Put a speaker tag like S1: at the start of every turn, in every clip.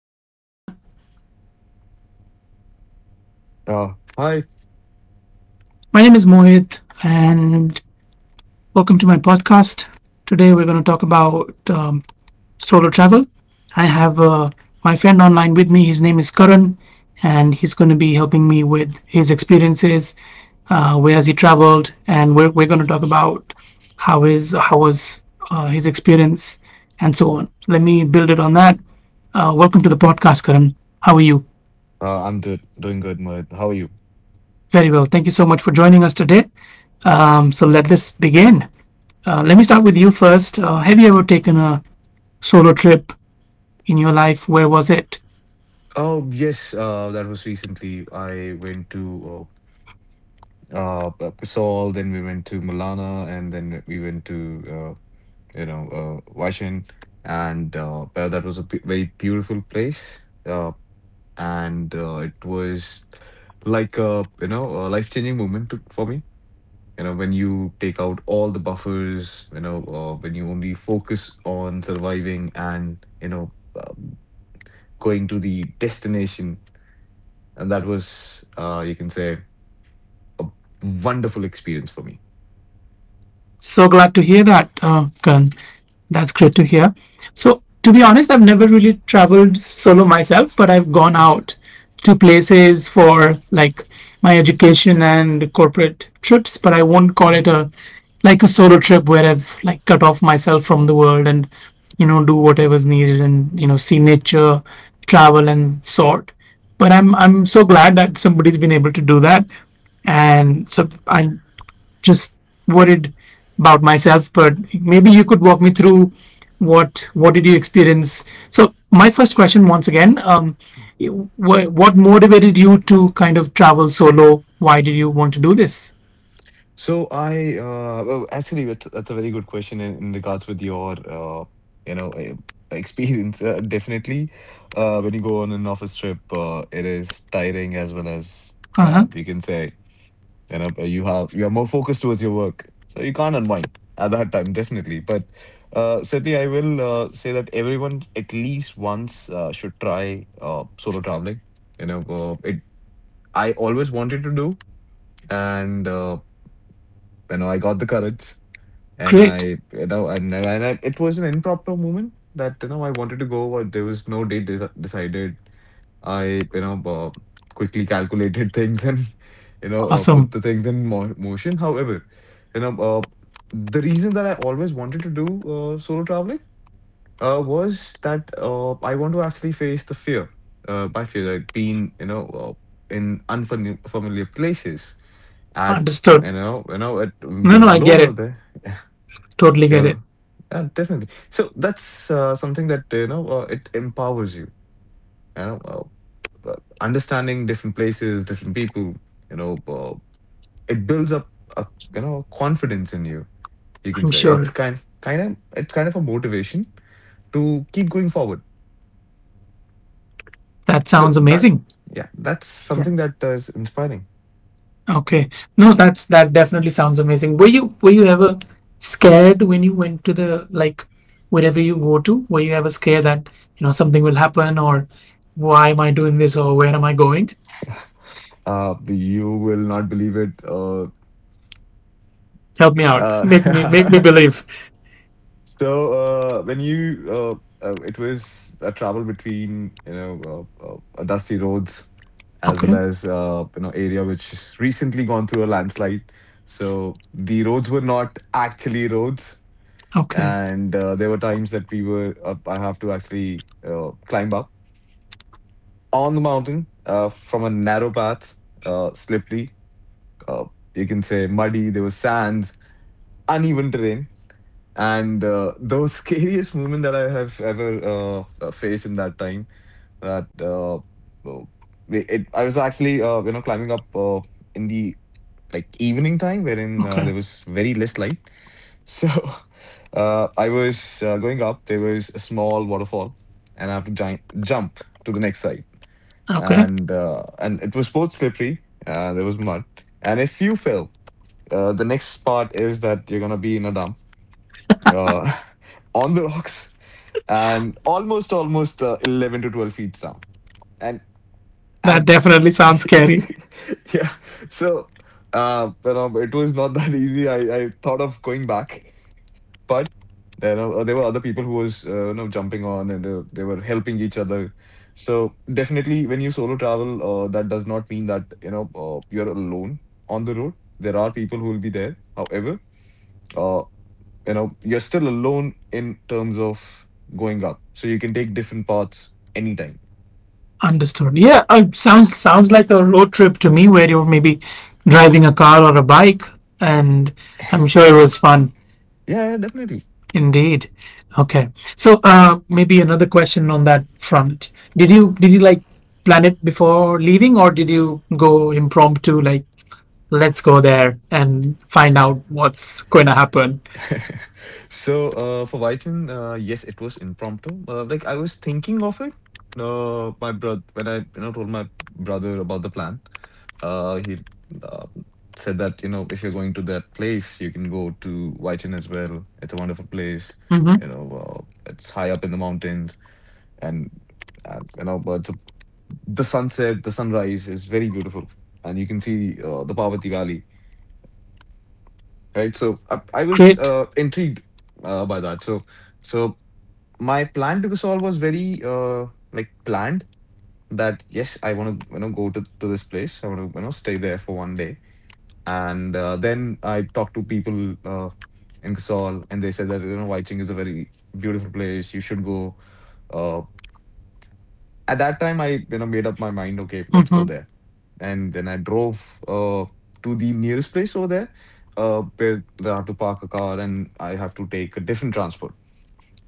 S1: Hi everyone,
S2: Hi.
S1: my name is Mohit and welcome to my podcast. Today we're going to talk about solo travel. I have my friend online with me, his name is Karan, and he's going to be helping me with his experiences, where has he traveled, and we're going to talk about how was his experience and so on. So let me build it on that. Welcome to the podcast, Karan. How are you?
S2: I'm do doing good, Mohit. How are you?
S1: Very well. Thank you so much for joining us today. So let this begin. Let me start with you first. Have you ever taken a solo trip in your life? Where was it?
S2: Oh, yes. That was recently. I went to Kasol, then we went to Milana, and then we went to Vaishyan, and that was a b very beautiful place. And it was like a you know a life-changing moment for me. You know, when you take out all the buffers, when you only focus on surviving and uh, going to the destination. And that was, you can say, a wonderful experience for me.
S1: So glad to hear that, Karan. That's great to hear. So, to be honest, I've never really traveled solo myself, but I've gone out to places for like my education and corporate trips, but I won't call
S2: Mhm.
S1: it a like a solo trip where I've like cut off myself from the world and you know do whatever's needed and you know see nature, travel and sort. But I'm so glad that somebody's been able to do that and so I just worried about myself, but maybe you could walk me through what did you experience. So my first question, once again, what motivated you to kind of travel solo? Why did you want to do this?
S2: So I, well, actually that's a very good question in regards with your you know eh, experience. Definitely, when you go on an office trip, it is tiring as well as
S1: Uh huh.
S2: you can say you know you are more focused towards your work, so you can't unwind at that time, definitely. But certainly I will say that everyone at least once should try solo traveling. It, I always wanted to do. And you know, I got the courage, and
S1: Great.
S2: I, you know, and I, it was an impromptu moment that, you know, I wanted to go, but there was no date decided. I, you know, quickly calculated things, and you know,
S1: Awesome.
S2: put the things in mo motion. However, you know, the reason that I always wanted to do solo traveling was that I want to actually face the fear. By fear, like being, you know, in unfamiliar places at,
S1: Understood.
S2: you know, at,
S1: No, no,
S2: you're
S1: I get
S2: alone
S1: it.
S2: out there.
S1: Totally get it.
S2: You're, yeah, definitely. So that's something that, you know, it empowers you, you know, uh, uh, understanding different places, different people. You know, it builds up a, you know, confidence in you. You
S1: I'm
S2: can say it's
S1: sure.
S2: kind of a motivation to keep going forward.
S1: That
S2: So
S1: sounds
S2: that,
S1: amazing.
S2: yeah, that's
S1: Yeah.
S2: something that is inspiring.
S1: Okay. No, that's that definitely sounds amazing. Were you ever scared when you went to the like wherever you go to? Were you ever scared that, you know, something will happen or why am I doing this or where am I going?
S2: You will not believe it.
S1: Help me out. Make me
S2: Uh,
S1: believe.
S2: so when you it was a travel between, you know, dusty roads as
S1: Okay.
S2: well as you know, area which has recently gone through a landslide. So the roads were not actually roads,
S1: Okay.
S2: and there were times that we were I have to actually climb up on the mountain from a narrow path, slippery. Uh, you can say muddy. There was sands, uneven terrain. And the scariest moment that I have ever faced in that time, that I was actually you know, climbing up in the like evening time, wherein
S1: Okay.
S2: there was very less light. So I was going up. There was a small waterfall, and I have to jump to the next side.
S1: Okay.
S2: And and it was both slippery. There was mud, and if you fell, the next part is that you're gonna be in a dump, uh, on the rocks. And almost 11 to 12 feet down and
S1: That
S2: at.
S1: definitely sounds scary.
S2: Yeah. So, you know, it was not that easy. I thought of going back, but you know, there were other people who was, you know, jumping on, and they were helping each other. So definitely, when you solo travel, that does not mean that, you know, you're alone on the road. There are people who will be there. However, uh, you know, you're still alone in terms of going up, so you can take different paths anytime.
S1: Understood. Yeah, sounds like a road trip to me where you're maybe driving a car or a bike and I'm sure it was fun.
S2: Yeah, yeah, definitely.
S1: Indeed. Okay. So maybe another question on that front. Did you like plan it before leaving, or did you go impromptu? Like, let's go there and find out what's going to happen.
S2: So, for Vyton, yes, it was impromptu. Like, I was thinking of it. My brother, when I, you know, told my brother about the plan, he uh, said that, you know, if you're going to that place, you can go to Vyton as well. It's a wonderful place.
S1: Mm-hmm.
S2: You know, it's high up in the mountains, and, and you know, but the sunset, the sunrise is very beautiful, and you can see the Parvati Valley, right? So I was
S1: Great.
S2: intrigued by that. So, my plan to Kasol was very like planned, that yes, I want to, you know, go to this place. I want to, you know, stay there for one day, and then I talked to people in Kasol, and they said that, you know, Waiching is a very beautiful place. You should go. Uh, at that time, I, you know, made up my mind. Okay, let's go
S1: Mm-hmm.
S2: there, and then I drove to the nearest place over there, where I have to park a car and I have to take a different transport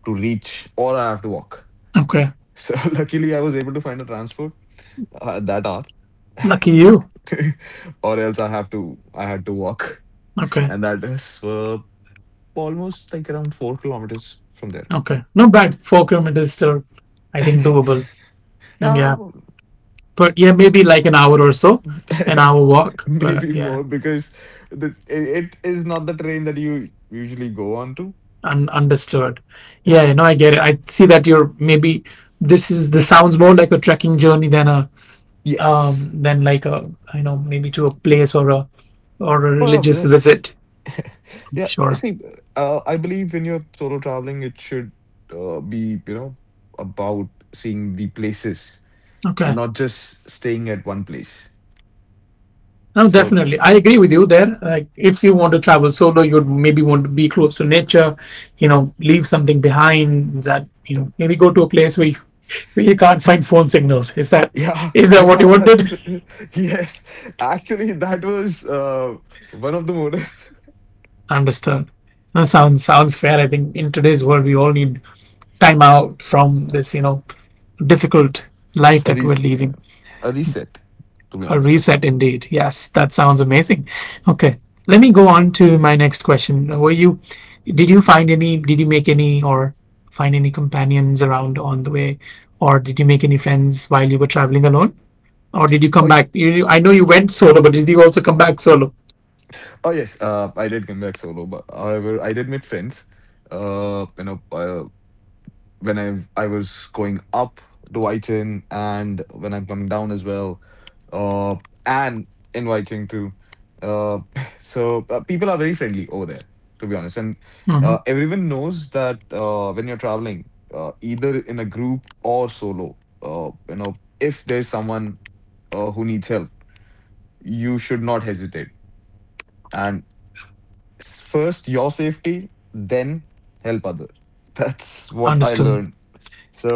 S2: to reach, or I have to walk.
S1: Okay.
S2: So luckily, I was able to find a transport at that hour,
S1: Lucky you.
S2: or else I had to walk,
S1: Okay.
S2: and that is almost like around 4 kilometers from there.
S1: Okay. Not bad. 4 kilometers still, I think, doable. And yeah.
S2: Yeah,
S1: But yeah, maybe like an hour or so, an hour walk. But
S2: maybe
S1: yeah.
S2: more because it is not the train that you usually go on to.
S1: Understood. Yeah, you know, I get it. I see that you're maybe this sounds more like a trekking journey than a
S2: Yes.
S1: than like a I know maybe to a place or a
S2: Well,
S1: religious
S2: yes.
S1: visit.
S2: Yeah.
S1: Sure.
S2: See, I believe when you're solo traveling, it should be, you know, about seeing the places,
S1: Okay.
S2: not just staying at one place.
S1: No,
S2: So
S1: definitely. I agree with you there. Like, if you want to travel solo, you'd maybe want to be close to nature, you know, leave something behind that, you know, maybe go to a place where you can't find phone signals. Is that
S2: yeah,
S1: is that what you
S2: yeah,
S1: wanted?
S2: that's yes. Actually, that was one of the motive.
S1: Understood. No, sounds fair. I think in today's world we all need time out from this, you know, difficult life
S2: a,
S1: that we're
S2: res-
S1: living.
S2: a reset. To be
S1: A
S2: honest, yeah.
S1: reset indeed. Yes, that sounds amazing. Okay. Let me go on to my next question. Were you did you find any did you make any or find any companions around on the way or did you make any friends while you were traveling alone? Or did you come
S2: Oh, y-
S1: back? You, I know you went solo, but did you also come back solo?
S2: oh yes. I did come back solo, but however, I did meet friends. You know, when I was going up to Whiten, and when I'm coming down as well, uh, and in Whiting too. Uh, so people are very friendly over there, to be honest. And
S1: Mm-hmm.
S2: everyone knows that, when you're traveling, either in a group or solo, you know, if there's someone who needs help, you should not hesitate. And first your safety, then help others. That's what I
S1: Understood.
S2: learned.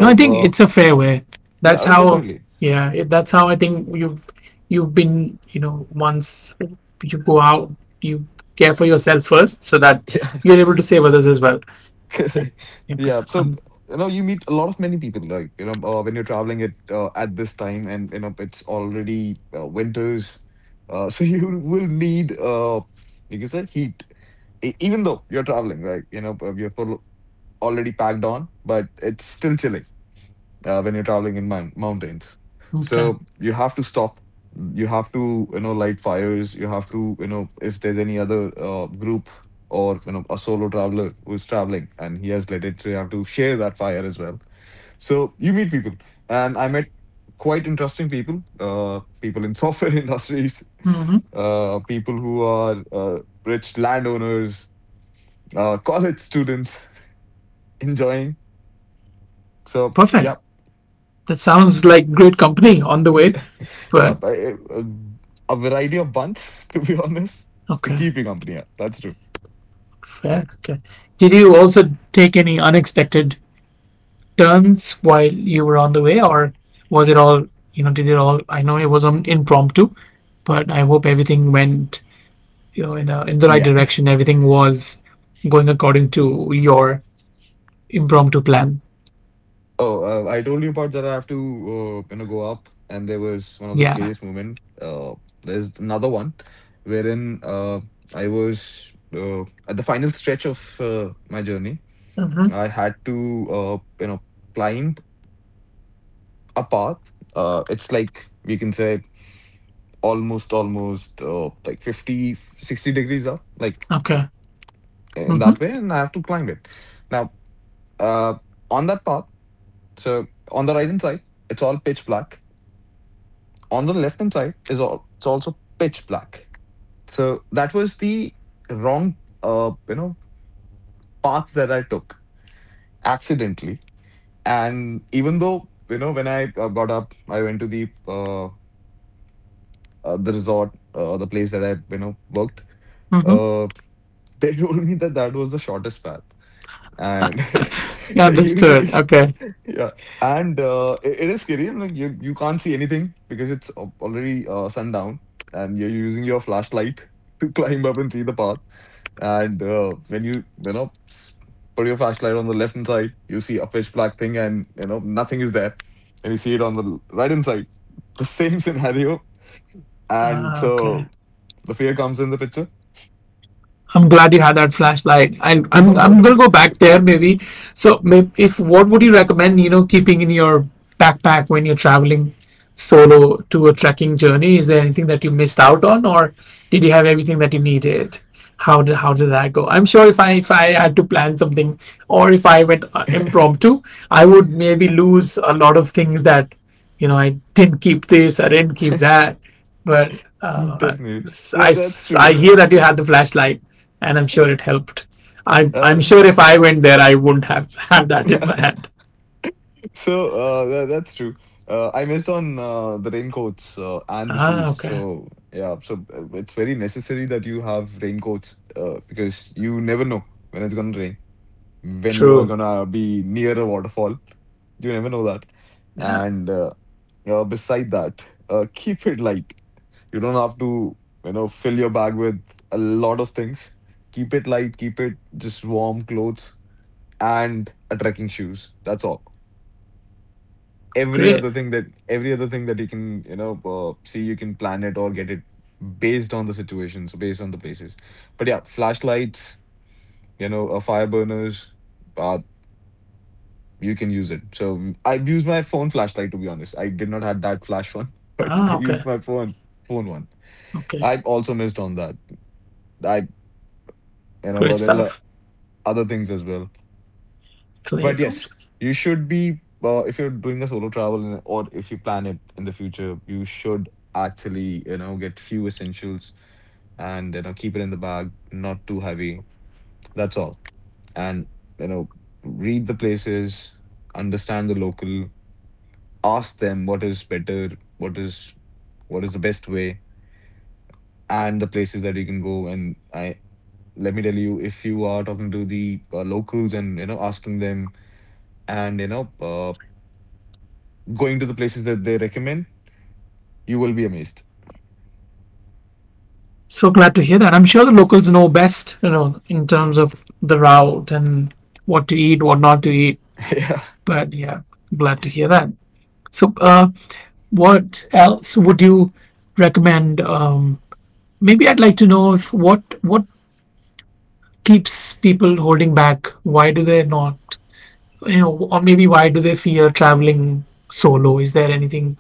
S1: No, I think it's a fair way.
S2: yeah,
S1: That's
S2: oh,
S1: how,
S2: definitely.
S1: yeah, it, that's how I think you've been, you know, once you go out, you care for yourself first, so that
S2: Yeah,
S1: you're able to save others as well. Like,
S2: correct.
S1: okay,
S2: Yeah, so you know, you meet a lot of many people, like, you know, when you're traveling at, at this time, and you know, it's already winters, so you will need, like you said, heat. Even though you're traveling, like, you know, you're already packed on, but it's still chilly when you're traveling in mountains.
S1: okay,
S2: So you have to stop. You have to, you know, light fires. You have to, you know, if there's any other group or, you know, a solo traveler who's traveling and he has lit it, so you have to share that fire as well. So you meet people, and I met quite interesting people. People in software industries,
S1: hmm,
S2: people who are rich landowners, college students enjoying. So
S1: perfect.
S2: yeah,
S1: That sounds like great company on the way,
S2: yeah,
S1: but
S2: but a variety of buns, to be honest, to
S1: okay,
S2: keep you company. Yeah, that's true.
S1: fair. Okay, did you also take any unexpected turns while you were on the way, or was it all you know? Did it all? I know it was impromptu, but I hope everything went you know in the right
S2: Yeah.
S1: direction. Everything was going according to your impromptu plan.
S2: Oh, I told you about that. I have to, you know, go up, and there was one of the
S1: Yeah.
S2: scariest moment. There's another one, wherein I was at the final stretch of my journey.
S1: Hmm.
S2: I had to, you know, climb a path. It's like, we can say almost like 50, 60 degrees up, like
S1: Okay.
S2: in that
S1: Mm-hmm.
S2: way, and I have to climb it. Now, uh, on that path, so on the right hand side, it's all pitch black. On the left hand side is all it's also pitch black. So that was the wrong, you know, path that I took accidentally. And even though, you know, when I, got up, I went to the resort, the place that I, you know, worked.
S1: Mm-hmm.
S2: Uh, they told me that that was the shortest path. And
S1: Yeah,
S2: usually
S1: understood. Okay.
S2: yeah. And it is scary, and like, you can't see anything because it's already sundown, and you're using your flashlight to climb up and see the path. And when you know, put your flashlight on the left hand side, you see a pitch black thing, and you know, nothing is there. And you see it on the right hand side, the same scenario. And
S1: Okay.
S2: so the fear comes in the picture.
S1: I'm glad you had that flashlight. I'm gonna go back there maybe. So, if what would you recommend? You know, keeping in your backpack when you're traveling solo tour trekking journey? Is there anything that you missed out on, or did you have everything that you needed? How did that go? I'm sure if I had to plan something, or if I went impromptu, I would maybe lose a lot of things that you know I didn't keep this, I didn't keep that. But uh,
S2: Definitely.
S1: I
S2: That's true.
S1: I hear that you had the flashlight, and I'm sure it helped. I'm
S2: uh,
S1: sure if I went there, I wouldn't have had that in my hand.
S2: So that's true. I missed on the raincoats and the
S1: Ah,
S2: shoes.
S1: okay.
S2: So yeah, so it's very necessary that you have raincoats because you never know when it's gonna rain, when you're
S1: True.
S2: gonna be near a waterfall. You never know that.
S1: Yeah.
S2: And uh, uh, beside that, Keep it light. You don't have to, fill your bag with a lot of things. Keep it light. Keep it just warm clothes and a trekking shoes. That's all.
S1: Great.
S2: Every other thing that you can, see, you can plan it or get it based on the situation, so based on the places. But yeah, flashlights, fire burners, uh, you can use it. So I've used my phone flashlight, to be honest. I did not have that flash one, but I
S1: Ah, okay.
S2: used my phone one.
S1: Okay,
S2: I also missed on that. I you know
S1: great
S2: But there are
S1: stuff.
S2: other things as well.
S1: Clay.
S2: But yes, you should be, if you're doing a solo travel, or if you plan it in the future, you should actually, get few essentials and, keep it in the bag, not too heavy. That's all. And you know Read the places, understand the local, ask them what is better, what is what is the best way, and the places that you can go. And I Let me tell you, if you are talking to the locals and, asking them, and you know going to the places that they recommend, you will be amazed.
S1: So glad to hear that. I'm sure the locals know best, you know, in terms of the route and what to eat, what not to eat.
S2: Yeah.
S1: But yeah, glad to hear that. So, what else would you recommend? Maybe I'd like to know if what keeps people holding back. Why do they not, you know, or maybe why do they fear traveling solo? Is there anything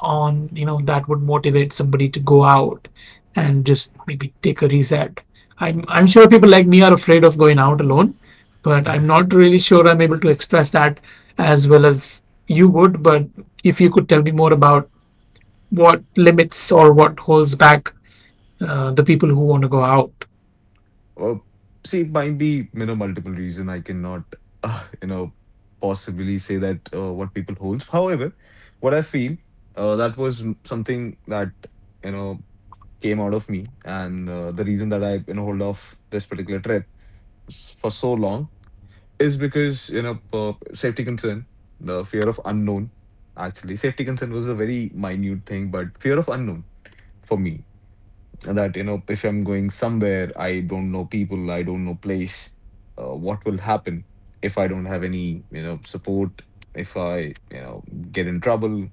S1: on you know that would motivate somebody to go out and just maybe take a reset. I'm sure people like me are afraid of going out alone but I'm not really sure I'm able to express that as well as you would but if you could tell me more about what limits or what holds back the people who want to go out.
S2: Well, see, it might be, you know, multiple reason I cannot, uh, you know, possibly say that what people holds. However, what I feel, that was something that, you know, came out of me. And the reason that I, you know, hold off this particular trip for so long is because, safety concern, the fear of unknown, actually. Safety concern was a very minute thing, but fear of unknown, for me, that, you know, if I'm going somewhere, I don't know people, I don't know place, what will happen if I don't have any, you know, support, if I you know get in trouble.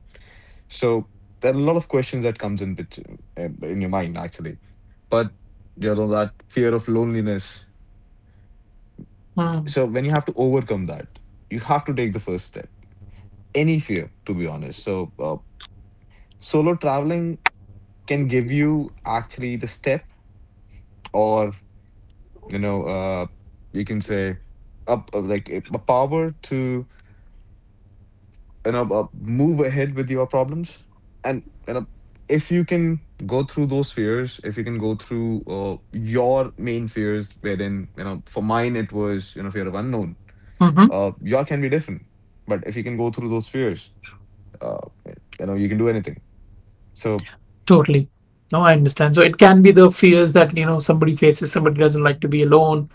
S2: So there are a lot of questions that comes in your mind actually. But, you know, that fear of loneliness, so when you have to overcome that, you have to take the first step, any fear, to be honest. So solo traveling can give you actually the step or, you know uh you can say up like a power to you know, move ahead with your problems. And, you know, if you can go through those fears, if you can go through, your main fears, wherein, you know, for mine it was, you know, fear of unknown,
S1: Mm-hmm.
S2: your can be different. But if you can go through those fears, uh you can do anything. So
S1: Totally. No, I understand. So it can be the fears that, you know, somebody faces, somebody doesn't like to be alone,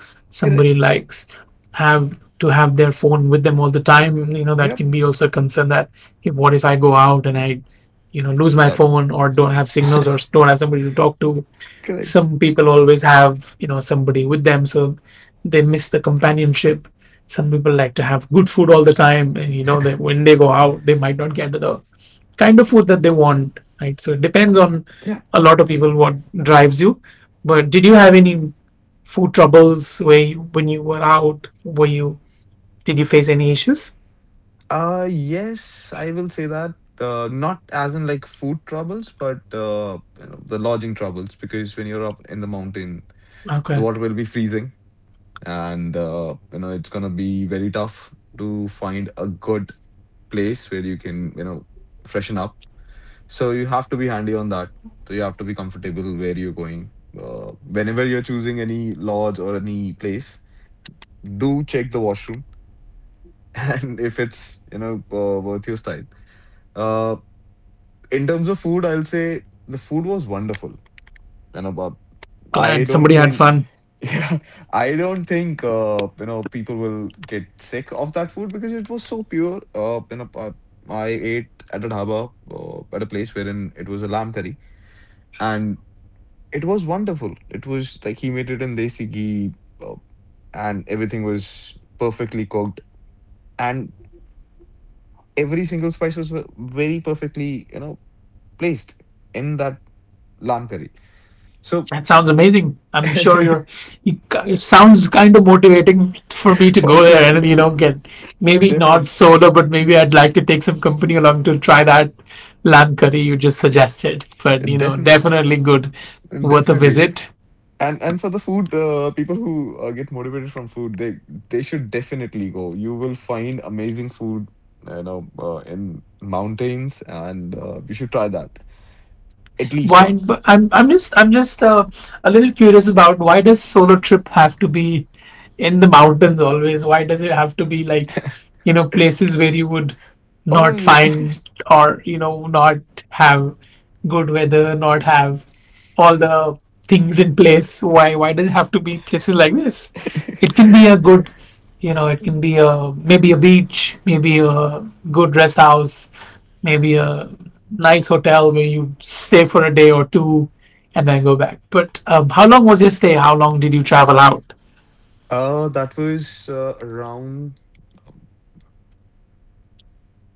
S2: correct.
S1: somebody likes have to have their phone with them all the time. You know, that
S2: Yep.
S1: can be also a concern that if, what if I go out and you know, lose my
S2: uh,
S1: phone or don't have signals or don't have somebody to talk to.
S2: Correct.
S1: Some people always have, you know, somebody with them, so they miss the companionship. Some people like to have good food all the time, and you know, they when they go out, they might not get the kind of food that they want, right? So it depends on
S2: Yeah.
S1: a lot of people what drives you. But did you have any food troubles where you, when you were out? Were you did you face any issues?
S2: Yes, I will say that. Not as in like food troubles, but, you know, the lodging troubles, because when you're up in the mountain, the
S1: Okay,
S2: water will be freezing, and, you know, it's gonna be very tough to find a good place where you can, you know, freshen up. So you have to be handy on that. So you have to be comfortable where you're going. Whenever you're choosing any lodge or any place, do check the washroom, and if it's, worth your style. Uh, in terms of food, I'll say the food was wonderful. You know, Bob, I
S1: glad
S2: don't
S1: somebody had
S2: think,
S1: fun.
S2: yeah, I don't think, you know, people will get sick of that food because it was so pure. You know, I ate at a dhaba at a place wherein it was a lamb curry, and it was wonderful. It was like he made it in desi ghee, uh, and everything was perfectly cooked, and every single spice was very perfectly, you know, placed in that lamb curry. So
S1: That sounds amazing. I'm sure you're. It sounds kind of motivating for me to
S2: for
S1: go there and
S2: food.
S1: you know get maybe
S2: definitely,
S1: not solo, but maybe I'd like to take some company along to try that lamb curry you just suggested. But you know,
S2: definitely,
S1: definitely good, worth a
S2: definitely.
S1: visit.
S2: And for the food, people who, get motivated from food, they should definitely go. You will find amazing food, you know, in mountains, and you should try that at least
S1: Why?
S2: once.
S1: But I'm just a little curious about why does solo trip have to be in the mountains always? Why does it have to be like you know places where you would
S2: Oh no,
S1: not
S2: you.
S1: find or you know not have good weather, not have all the things in place? Why does it have to be places like this? It can be a good you know it can be a maybe a beach, maybe a good rest house maybe a nice hotel where you stay for a day or two and then go back. But how long was your stay? How long did you travel out?
S2: That was, uh, around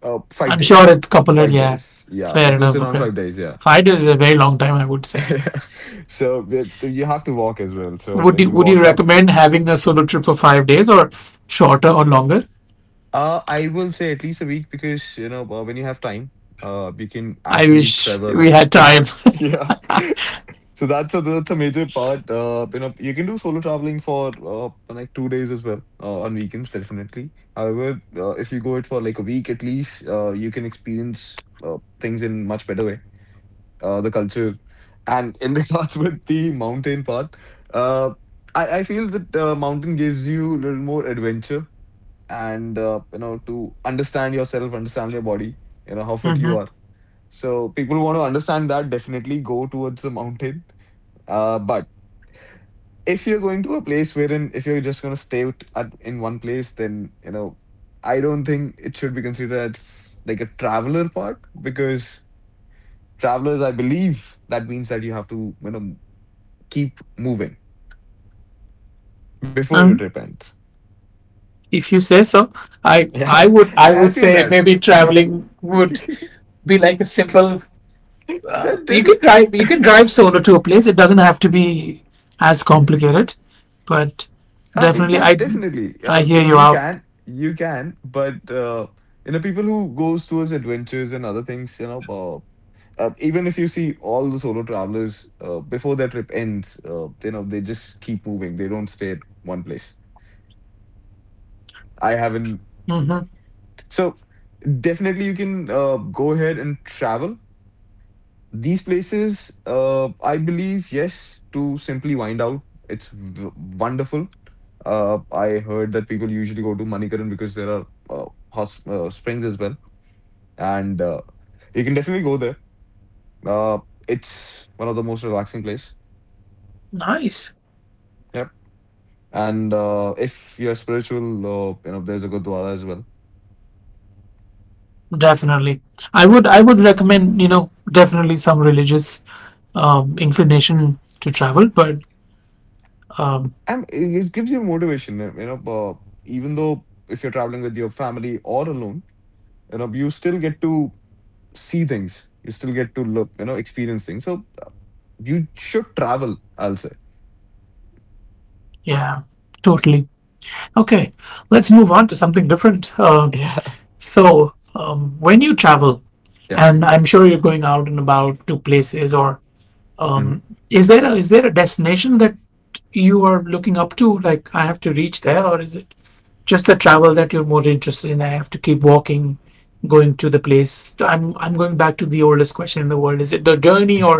S2: uh five
S1: I'm sure
S2: days.
S1: it's a couple of
S2: five
S1: yeah.
S2: days, yeah,
S1: Fair
S2: it was
S1: enough.
S2: around
S1: Okay,
S2: five days, yeah.
S1: 5 days is a very long time, I would say.
S2: so it's, so you have to walk as well, so
S1: Would
S2: when
S1: you
S2: you
S1: would you
S2: walk up.
S1: recommend having a solo trip for 5 days or shorter or longer?
S2: I will say at least a week, because, when you have time, you can
S1: I
S2: actually
S1: wish we
S2: travel.
S1: had
S2: Yeah,
S1: time.
S2: yeah. So that's a major part. You know, you can do solo traveling for like 2 days as well, on weekends, definitely. However, if you go it for like a week at least, you can experience, things in much better way. The culture, and in regards with the mountain part, uh, I feel that, mountain gives you a little more adventure, and, you know, to understand yourself, understand your body, you know, how fit you
S1: Hmm.
S2: are. So people who want to understand that, definitely go towards the mountain. But if you're going to a place wherein, if you're just going to stay in one place, then, you know, I don't think it should be considered as like a traveler part, because travelers, I believe, that means that you have to, you know, keep moving before your
S1: Um,
S2: trip ends.
S1: if you say so, I
S2: yeah.
S1: I would I
S2: I
S1: would
S2: feel
S1: say
S2: that.
S1: maybe
S2: yeah,
S1: traveling would be like a simple. You can
S2: definitely.
S1: drive. You can drive solo to a place. It doesn't have to be as complicated, but
S2: I mean,
S1: definitely,
S2: yeah, definitely.
S1: I hear you
S2: You
S1: out.
S2: can, but, people who goes towards adventures and other things, you know, even if you see all the solo travelers, before their trip ends, you know, they just keep moving. They don't stay at one place. I haven't.
S1: Hmm.
S2: So definitely, you can, go ahead and travel. These places, I believe, yes, to simply wind out. It's wonderful. I heard that people usually go to Manikaran because there are, hot springs as well, and, you can definitely go there. Uh, it's one of the most relaxing place.
S1: Nice.
S2: Yep. And, if you're spiritual, you know, there's a gurdwara as well,
S1: Definitely, I would. I would recommend. You know, definitely some religious inclination to travel, but um,
S2: and it gives you motivation. You know, even though if you're traveling with your family or alone, you know, you still get to see things. You still get to look, you know, experience things. So, you should travel, I'll say.
S1: yeah, totally. Okay, let's move on to something different.
S2: Yeah.
S1: So, when you travel,
S2: Yeah.
S1: and I'm sure you're going out and about to places or Um,
S2: Hmm.
S1: is there a destination that you are looking up to? Like I have to reach there, or is it just the travel that you're more interested in? I have to keep walking, going to the place. I'm going back to the oldest question in the world: is it the journey or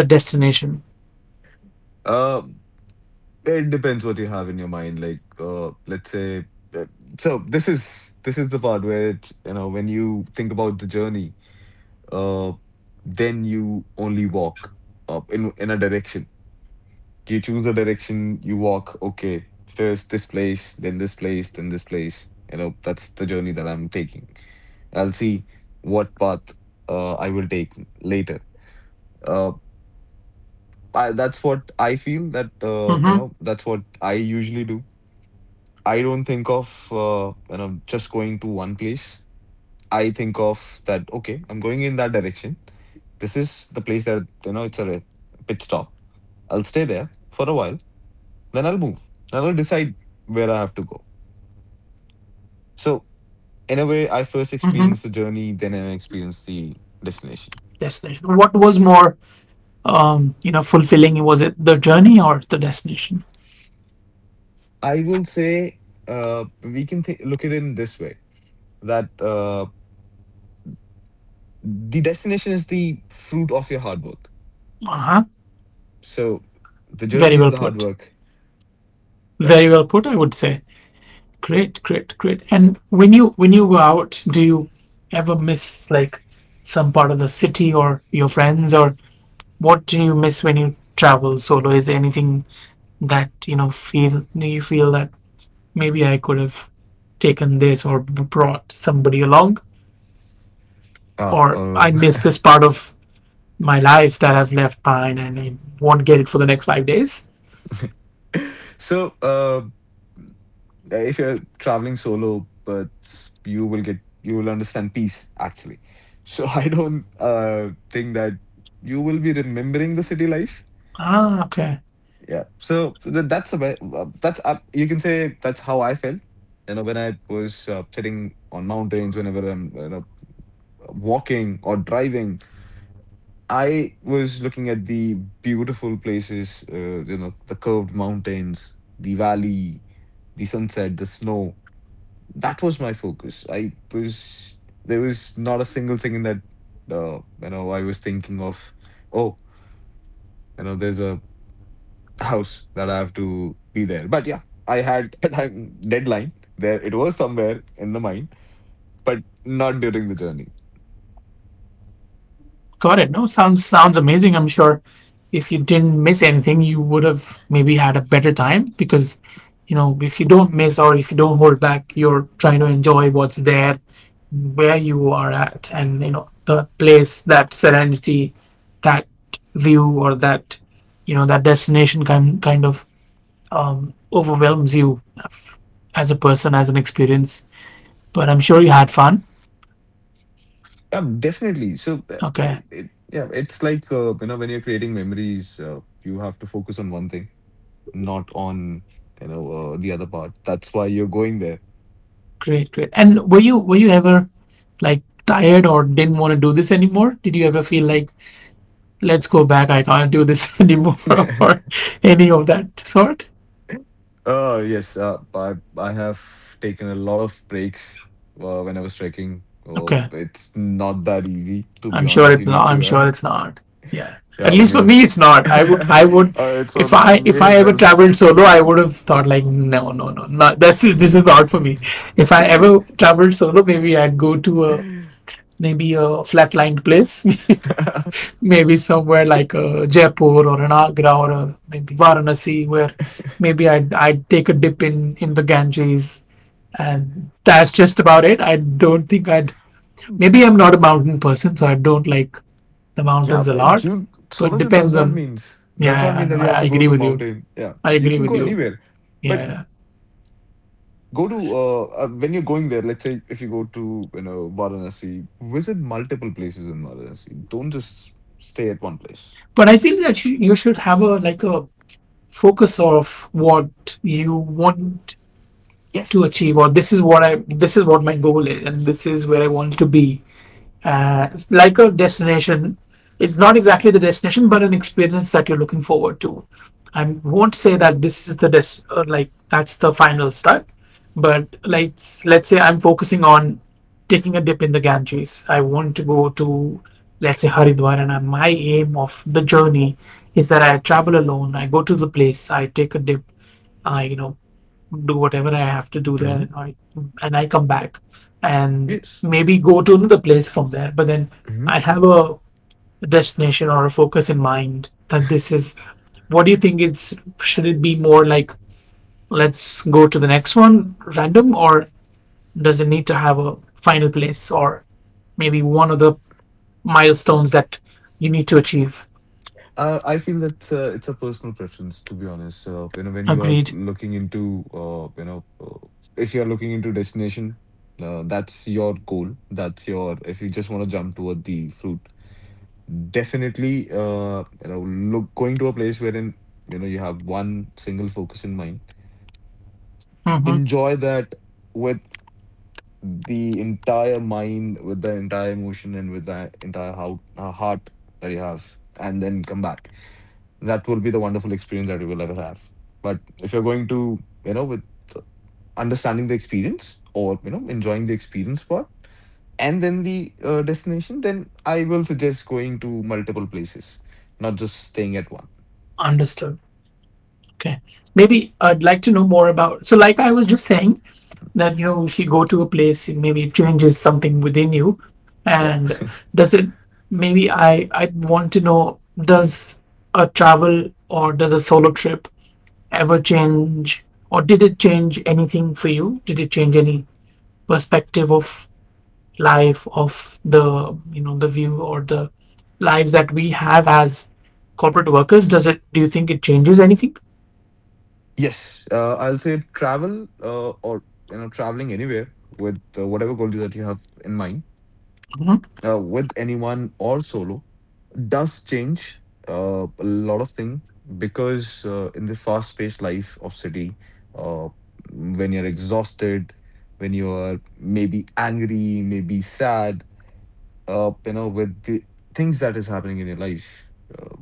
S1: the destination?
S2: Uh, it depends what you have in your mind. Like, let's say, uh, so this is the part where it, you know, when you think about the journey, uh, then you only walk up in a direction. You choose the direction, you walk, okay, first this place, then this place, then this place. You know, that's the journey that I'm taking. I'll see what path, I will take later. Uh, that's what I feel that, you
S1: Mm-hmm.
S2: know, that's what I usually do. I don't think of, you know, just going to one place. I think of that, okay, I'm going in that direction. This is the place that, you know, it's a pit stop. I'll stay there for a while. Then I'll move. And I'll decide where I have to go. So, in a way, I first
S1: Mm-hmm.
S2: experience the journey, then I experience the destination.
S1: Destination. What was more, you know, fulfilling? Was it the journey or the destination?
S2: I will say, we can look at it in this way, that, the destination is the fruit of your hard work.
S1: Uh huh.
S2: So, the
S1: Very
S2: journey is
S1: well
S2: the hard
S1: put.
S2: work. Yeah.
S1: Very well put, I would say. Great, great, great. And when you go out, do you ever miss like some part of the city or your friends or what do you miss when you travel solo? Is there anything that you know feel do you feel that maybe I could have taken this or brought somebody along
S2: Ah,
S1: or I miss this part of my life that I've left behind and I won't get it for the next 5 days?
S2: so, If you're traveling solo, but you will understand peace actually. So I don't think that you will be remembering the city life.
S1: Ah, okay.
S2: Yeah. So that's the that's, you can say that's how I felt. You know, when I was, sitting on mountains, whenever I'm, you know, walking or driving, I was looking at the beautiful places. You know, the curved mountains, the valley, the sunset, the snow, that was my focus. I was There was not a single thing in that, you know, I was thinking of. Oh, you know, there's a house that I have to be there. But yeah, I had a time deadline there. It was somewhere in the mind, but not during the journey.
S1: Got it. No, sounds amazing. I'm sure if you didn't miss anything, you would have maybe had a better time because, you know, if you don't miss or if you don't hold back, you're trying to enjoy what's there, where you are at, and you know the place, that serenity, that view, or that you know that destination kind of overwhelms you as a person, as an experience. But I'm sure you had fun.
S2: Definitely. So,
S1: Okay.
S2: yeah, it's like, you know, when you're creating memories, you have to focus on one thing, not on, the other part. That's why you're going there.
S1: Great, great. And were you ever like tired or didn't want to do this anymore? Did you ever feel like, let's go back, I can't do this anymore or any of that sort?
S2: Oh, yes. I have taken a lot of breaks, when I was trekking. Oh,
S1: Okay.
S2: it's not that easy, to be
S1: I'm sure
S2: honest. You
S1: it
S2: need
S1: not. I'm
S2: to,
S1: sure it's not. Yeah.
S2: yeah,
S1: At
S2: when
S1: least for
S2: you're.
S1: me it's not. I would I would,
S2: uh, it's for
S1: if I
S2: me
S1: if I
S2: as
S1: ever
S2: well.
S1: traveled solo, I would have thought like no no no not that's this is not for me. If I ever traveled solo, maybe I'd go to a maybe a flatlined place maybe somewhere like Jaipur or an Agra or maybe Varanasi, where maybe I'd take a dip in the Ganges. And that's just about it. I don't think I'd. Maybe I'm not a mountain person, so I don't like the
S2: Yeah,
S1: mountains a
S2: but
S1: lot.
S2: you
S1: But
S2: solo trip
S1: depends on.
S2: does
S1: Yeah,
S2: not
S1: yeah, I
S2: mean that
S1: know.
S2: you have
S1: I
S2: to go
S1: agree
S2: to
S1: with you.
S2: mountain. Yeah,
S1: I
S2: you
S1: agree
S2: can
S1: with
S2: go
S1: you.
S2: anywhere, but
S1: Yeah, yeah.
S2: go to when you're going there. Let's say if you go to, you know, Varanasi, visit multiple places in Varanasi. Don't just stay at one place.
S1: But I feel that you should have a like a focus of what you want to
S2: Yes.
S1: achieve, or this is what I. This is what my goal is, and this is where I want to be like a destination. It's not exactly the destination, but an experience that you're looking forward to. I won't say that this is the des- or like that's the final step, but like let's say I'm focusing on taking a dip in the Ganges. I want to go to let's say Haridwar, and my aim of the journey is that I travel alone. I go to the place, I take a dip, I do whatever I have to do there,
S2: Mhm.
S1: and I come back and
S2: Yes.
S1: maybe go to another place from there. But then
S2: Mhm.
S1: I have a destination or a focus in mind that this is. What do you think? It's should it be more like let's go to the next one random, or does it need to have a final place or maybe one of the milestones that you need to achieve?
S2: I feel that it's a personal preference, to be honest. You know, when you are
S1: Agreed.
S2: looking into, you know, If you are looking into destination, that's your goal. That's your. If you just want to jump toward the fruit, definitely, look, going to a place wherein, you know, you have one single focus in mind.
S1: Mm-hmm.
S2: Enjoy that with the entire mind, with the entire emotion, and with the entire how, heart that you have, and then come back. That will be the wonderful experience that you will ever have. But if you're going to, you know, with understanding the experience, or you know, enjoying the experience part, and then the destination, then I will suggest going to multiple places, not just staying at one.
S1: Understood. Okay. Maybe I'd like to know more about. So, like I was just saying, then you if you go to a place maybe it changes something within you
S2: Yeah.
S1: and does it maybe I want to know does a travel or does a solo trip ever change or did it change anything for you? Did it change any perspective of life of the you know the view or the lives that we have as corporate workers? Does it, do you think it changes anything?
S2: Yes, I'll say travel or you know, traveling anywhere with whatever goal that you have in mind,
S1: Mm-hmm.
S2: with anyone or solo, does change a lot of things. Because in the fast paced life of city, uh, when you're exhausted, when you're maybe angry, maybe sad, you know, with the things that is happening in your life, uh,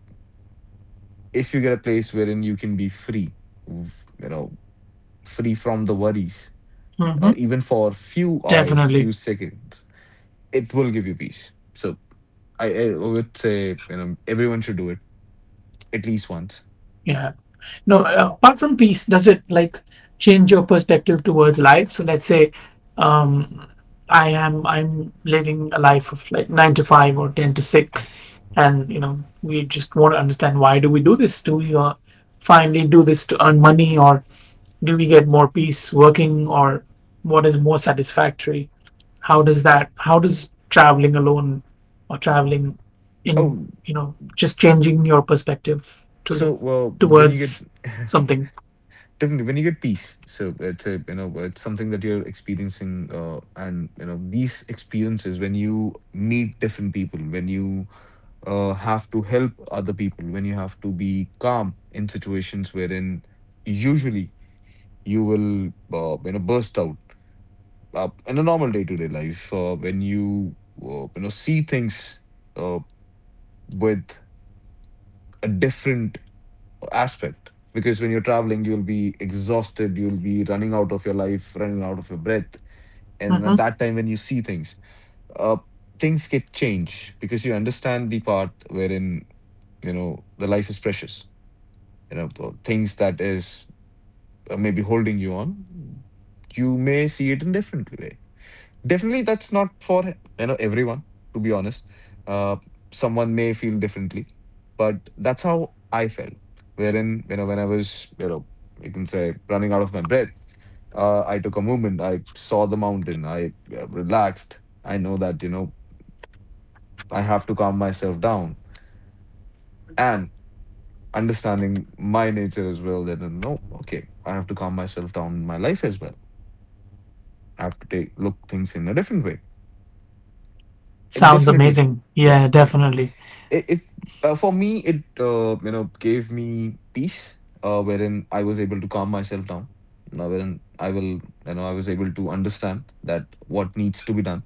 S2: if you get a place wherein you can be free, you know, free from the worries,
S1: Mm-hmm.
S2: even for few hours,
S1: Definitely.
S2: few seconds, it will give you peace. So, I would say, you know, everyone should do it at least once.
S1: Yeah. No, apart from peace, does it like change your perspective towards life? So let's say um, I am, I'm living a life of like 9 to 5 or 10 to 6, and you know we just want to understand why do we do this? Do we finally do this to earn money, or do we get more peace working, or what is more satisfactory? How does that? How does traveling alone or traveling in
S2: Oh,
S1: you know just changing your perspective to
S2: so
S1: live
S2: well when you get
S1: towards something.
S2: definitely when you get peace, so it's a, you know, it's something that you're experiencing, and you know, these experiences, when you meet different people, when you have to help other people, when you have to be calm in situations wherein usually you will burst out in a normal day to day life, when you you know, see things. Uh, with a different aspect. Because when you're traveling, you'll be exhausted, you'll be running out of your life, running out of your breath, and
S1: Hmm.
S2: at that time when you see things, uh, things get changed. Because you understand the part wherein you know the life is precious, you know, things that is maybe holding you on, you may see it in different way. Definitely that's not for, you know, everyone, to be honest. uh, someone may feel differently, but that's how I felt. Wherein, you know, when I was, you know, you can say running out of my breath, I took a moment, I saw the mountain, I relaxed. I know that, you know, I have to calm myself down. And understanding my nature as well, that you know, okay, I have to calm myself down in my life as well. I have to take, look things in a different way. It
S1: Sounds
S2: definitely,
S1: amazing.
S2: yeah,
S1: Yeah,
S2: it,
S1: definitely
S2: it for me, it you know, gave me peace. Wherein I was able to calm myself down now, wherein I will, you know, I was able to understand that what needs to be done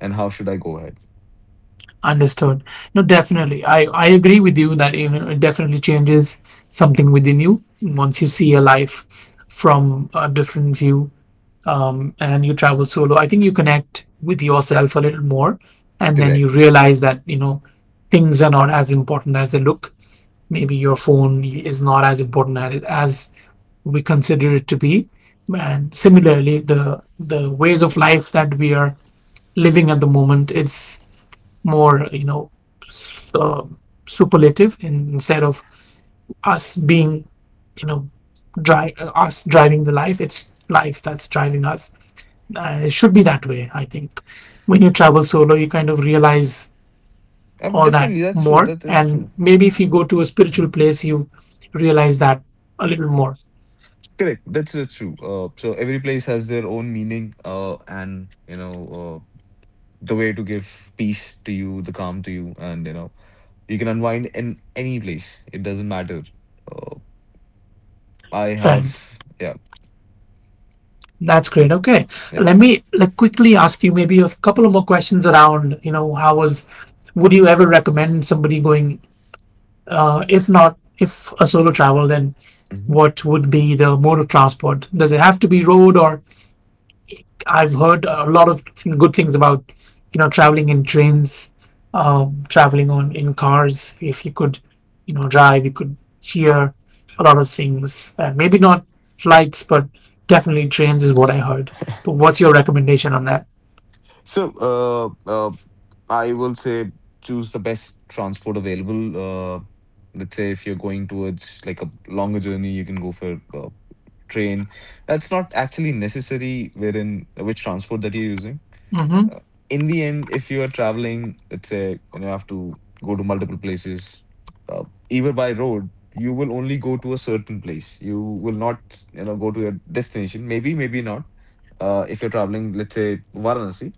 S2: and how should I go ahead.
S1: understood. No, definitely. I agree with you that you know, it definitely changes something within you once you see your life from a different view, and you travel solo, I think you connect with yourself a little more, and then
S2: Correct.
S1: you realize that you know things are not as important as they look. Maybe your phone is not as important as we consider it to be, and similarly, the ways of life that we are living at the moment, it's more you know uh, superlative instead of us being you know us driving the life. It's life that's driving us. It should be that way, I think. When you travel solo you kind of realize all that
S2: Definitely, that's true,
S1: more,
S2: that's
S1: and
S2: true.
S1: maybe if you go to a spiritual
S2: Mhm.
S1: place you realize that a little more,
S2: Correct, that's true. So every place has their own meaning, and you know, the way to give peace to you, the calm to you. And you know, you can unwind in any place, it doesn't matter. uh, I
S1: friend.
S2: have. Yeah.
S1: That's great. Okay,
S2: Yeah.
S1: let me like quickly ask you maybe a couple of more questions around you know how was, would you ever recommend somebody going if not if a solo travel then
S2: Mhm.
S1: what would be the mode of transport? Does it have to be road or I've heard a lot of good things about, you know, traveling in trains, traveling on in cars. If you could, you know, drive, you could hear a lot of things. Maybe not flights, but definitely trains is what I heard. But what's your recommendation on that?
S2: So, I will say, choose the best transport available. Let's say if you're going towards like a longer journey, you can go for train. That's not actually necessary wherein which transport that you're using.
S1: Mm-hmm.
S2: Uh, in the end, if you are traveling, let's say, and you have to go to multiple places, uh, either by road, you will only go to a certain place. You will not, you know, go to your destination. Maybe, maybe not. If you're traveling, let's say, Varanasi.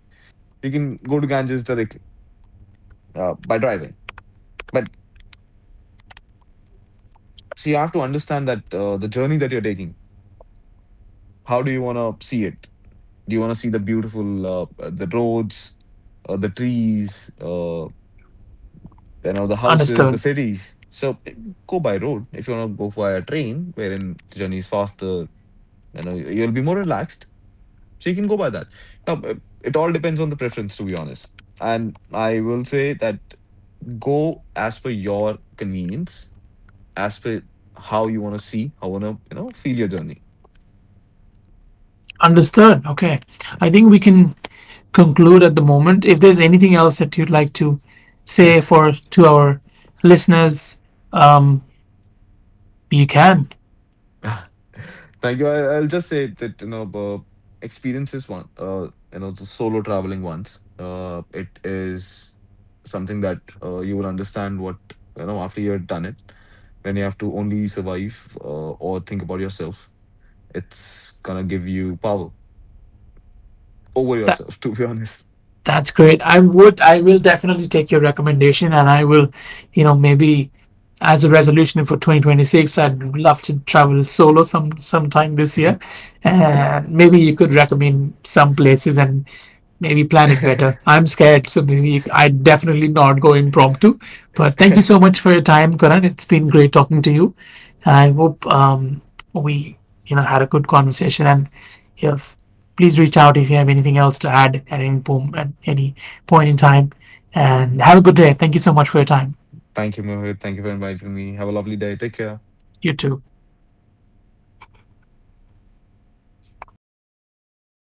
S2: You can go to Ganges directly by driving. But see, you have to understand that the journey that you're taking, how do you want to see it? Do you want to see the beautiful the roads, the trees, you know, the houses, the
S1: Understood.
S2: cities? So, go by road. If you want to go for a train, wherein the journey is faster, you know, you'll be more relaxed. So you can go by that. Now, it all depends on the preference, to be honest. And I will say that, go as per your convenience, as per how you want to see, how you want to, you know, feel your journey.
S1: Understood. Okay. I think we can conclude at the moment. If there's anything else that you'd like to say for to our listeners, um, you can.
S2: Thank you. I'll just say that, you know, experience is one, you know, the solo traveling ones. It is something that you will understand what, you know, after you have done it. When you have to only survive or think about yourself, it's gonna give you power over
S1: That.
S2: yourself, to be honest.
S1: That's great. I would, I will definitely take your recommendation and I will, you know, maybe as a resolution for 2026, I'd love to travel solo some sometime this year. And maybe you could recommend some places and maybe plan it better.
S2: Thank
S1: I'm scared, so maybe you, I'd definitely not go impromptu. But thank you so much for your time, Karan. It's been great talking to you. I hope we, you know, had a good conversation and you have please reach out if you have anything else to add at any, at any point in time. And have a good day. Thank you so much for your time.
S2: you, Mohit. Thank you for inviting me. Have a lovely day. Take care.
S1: You too.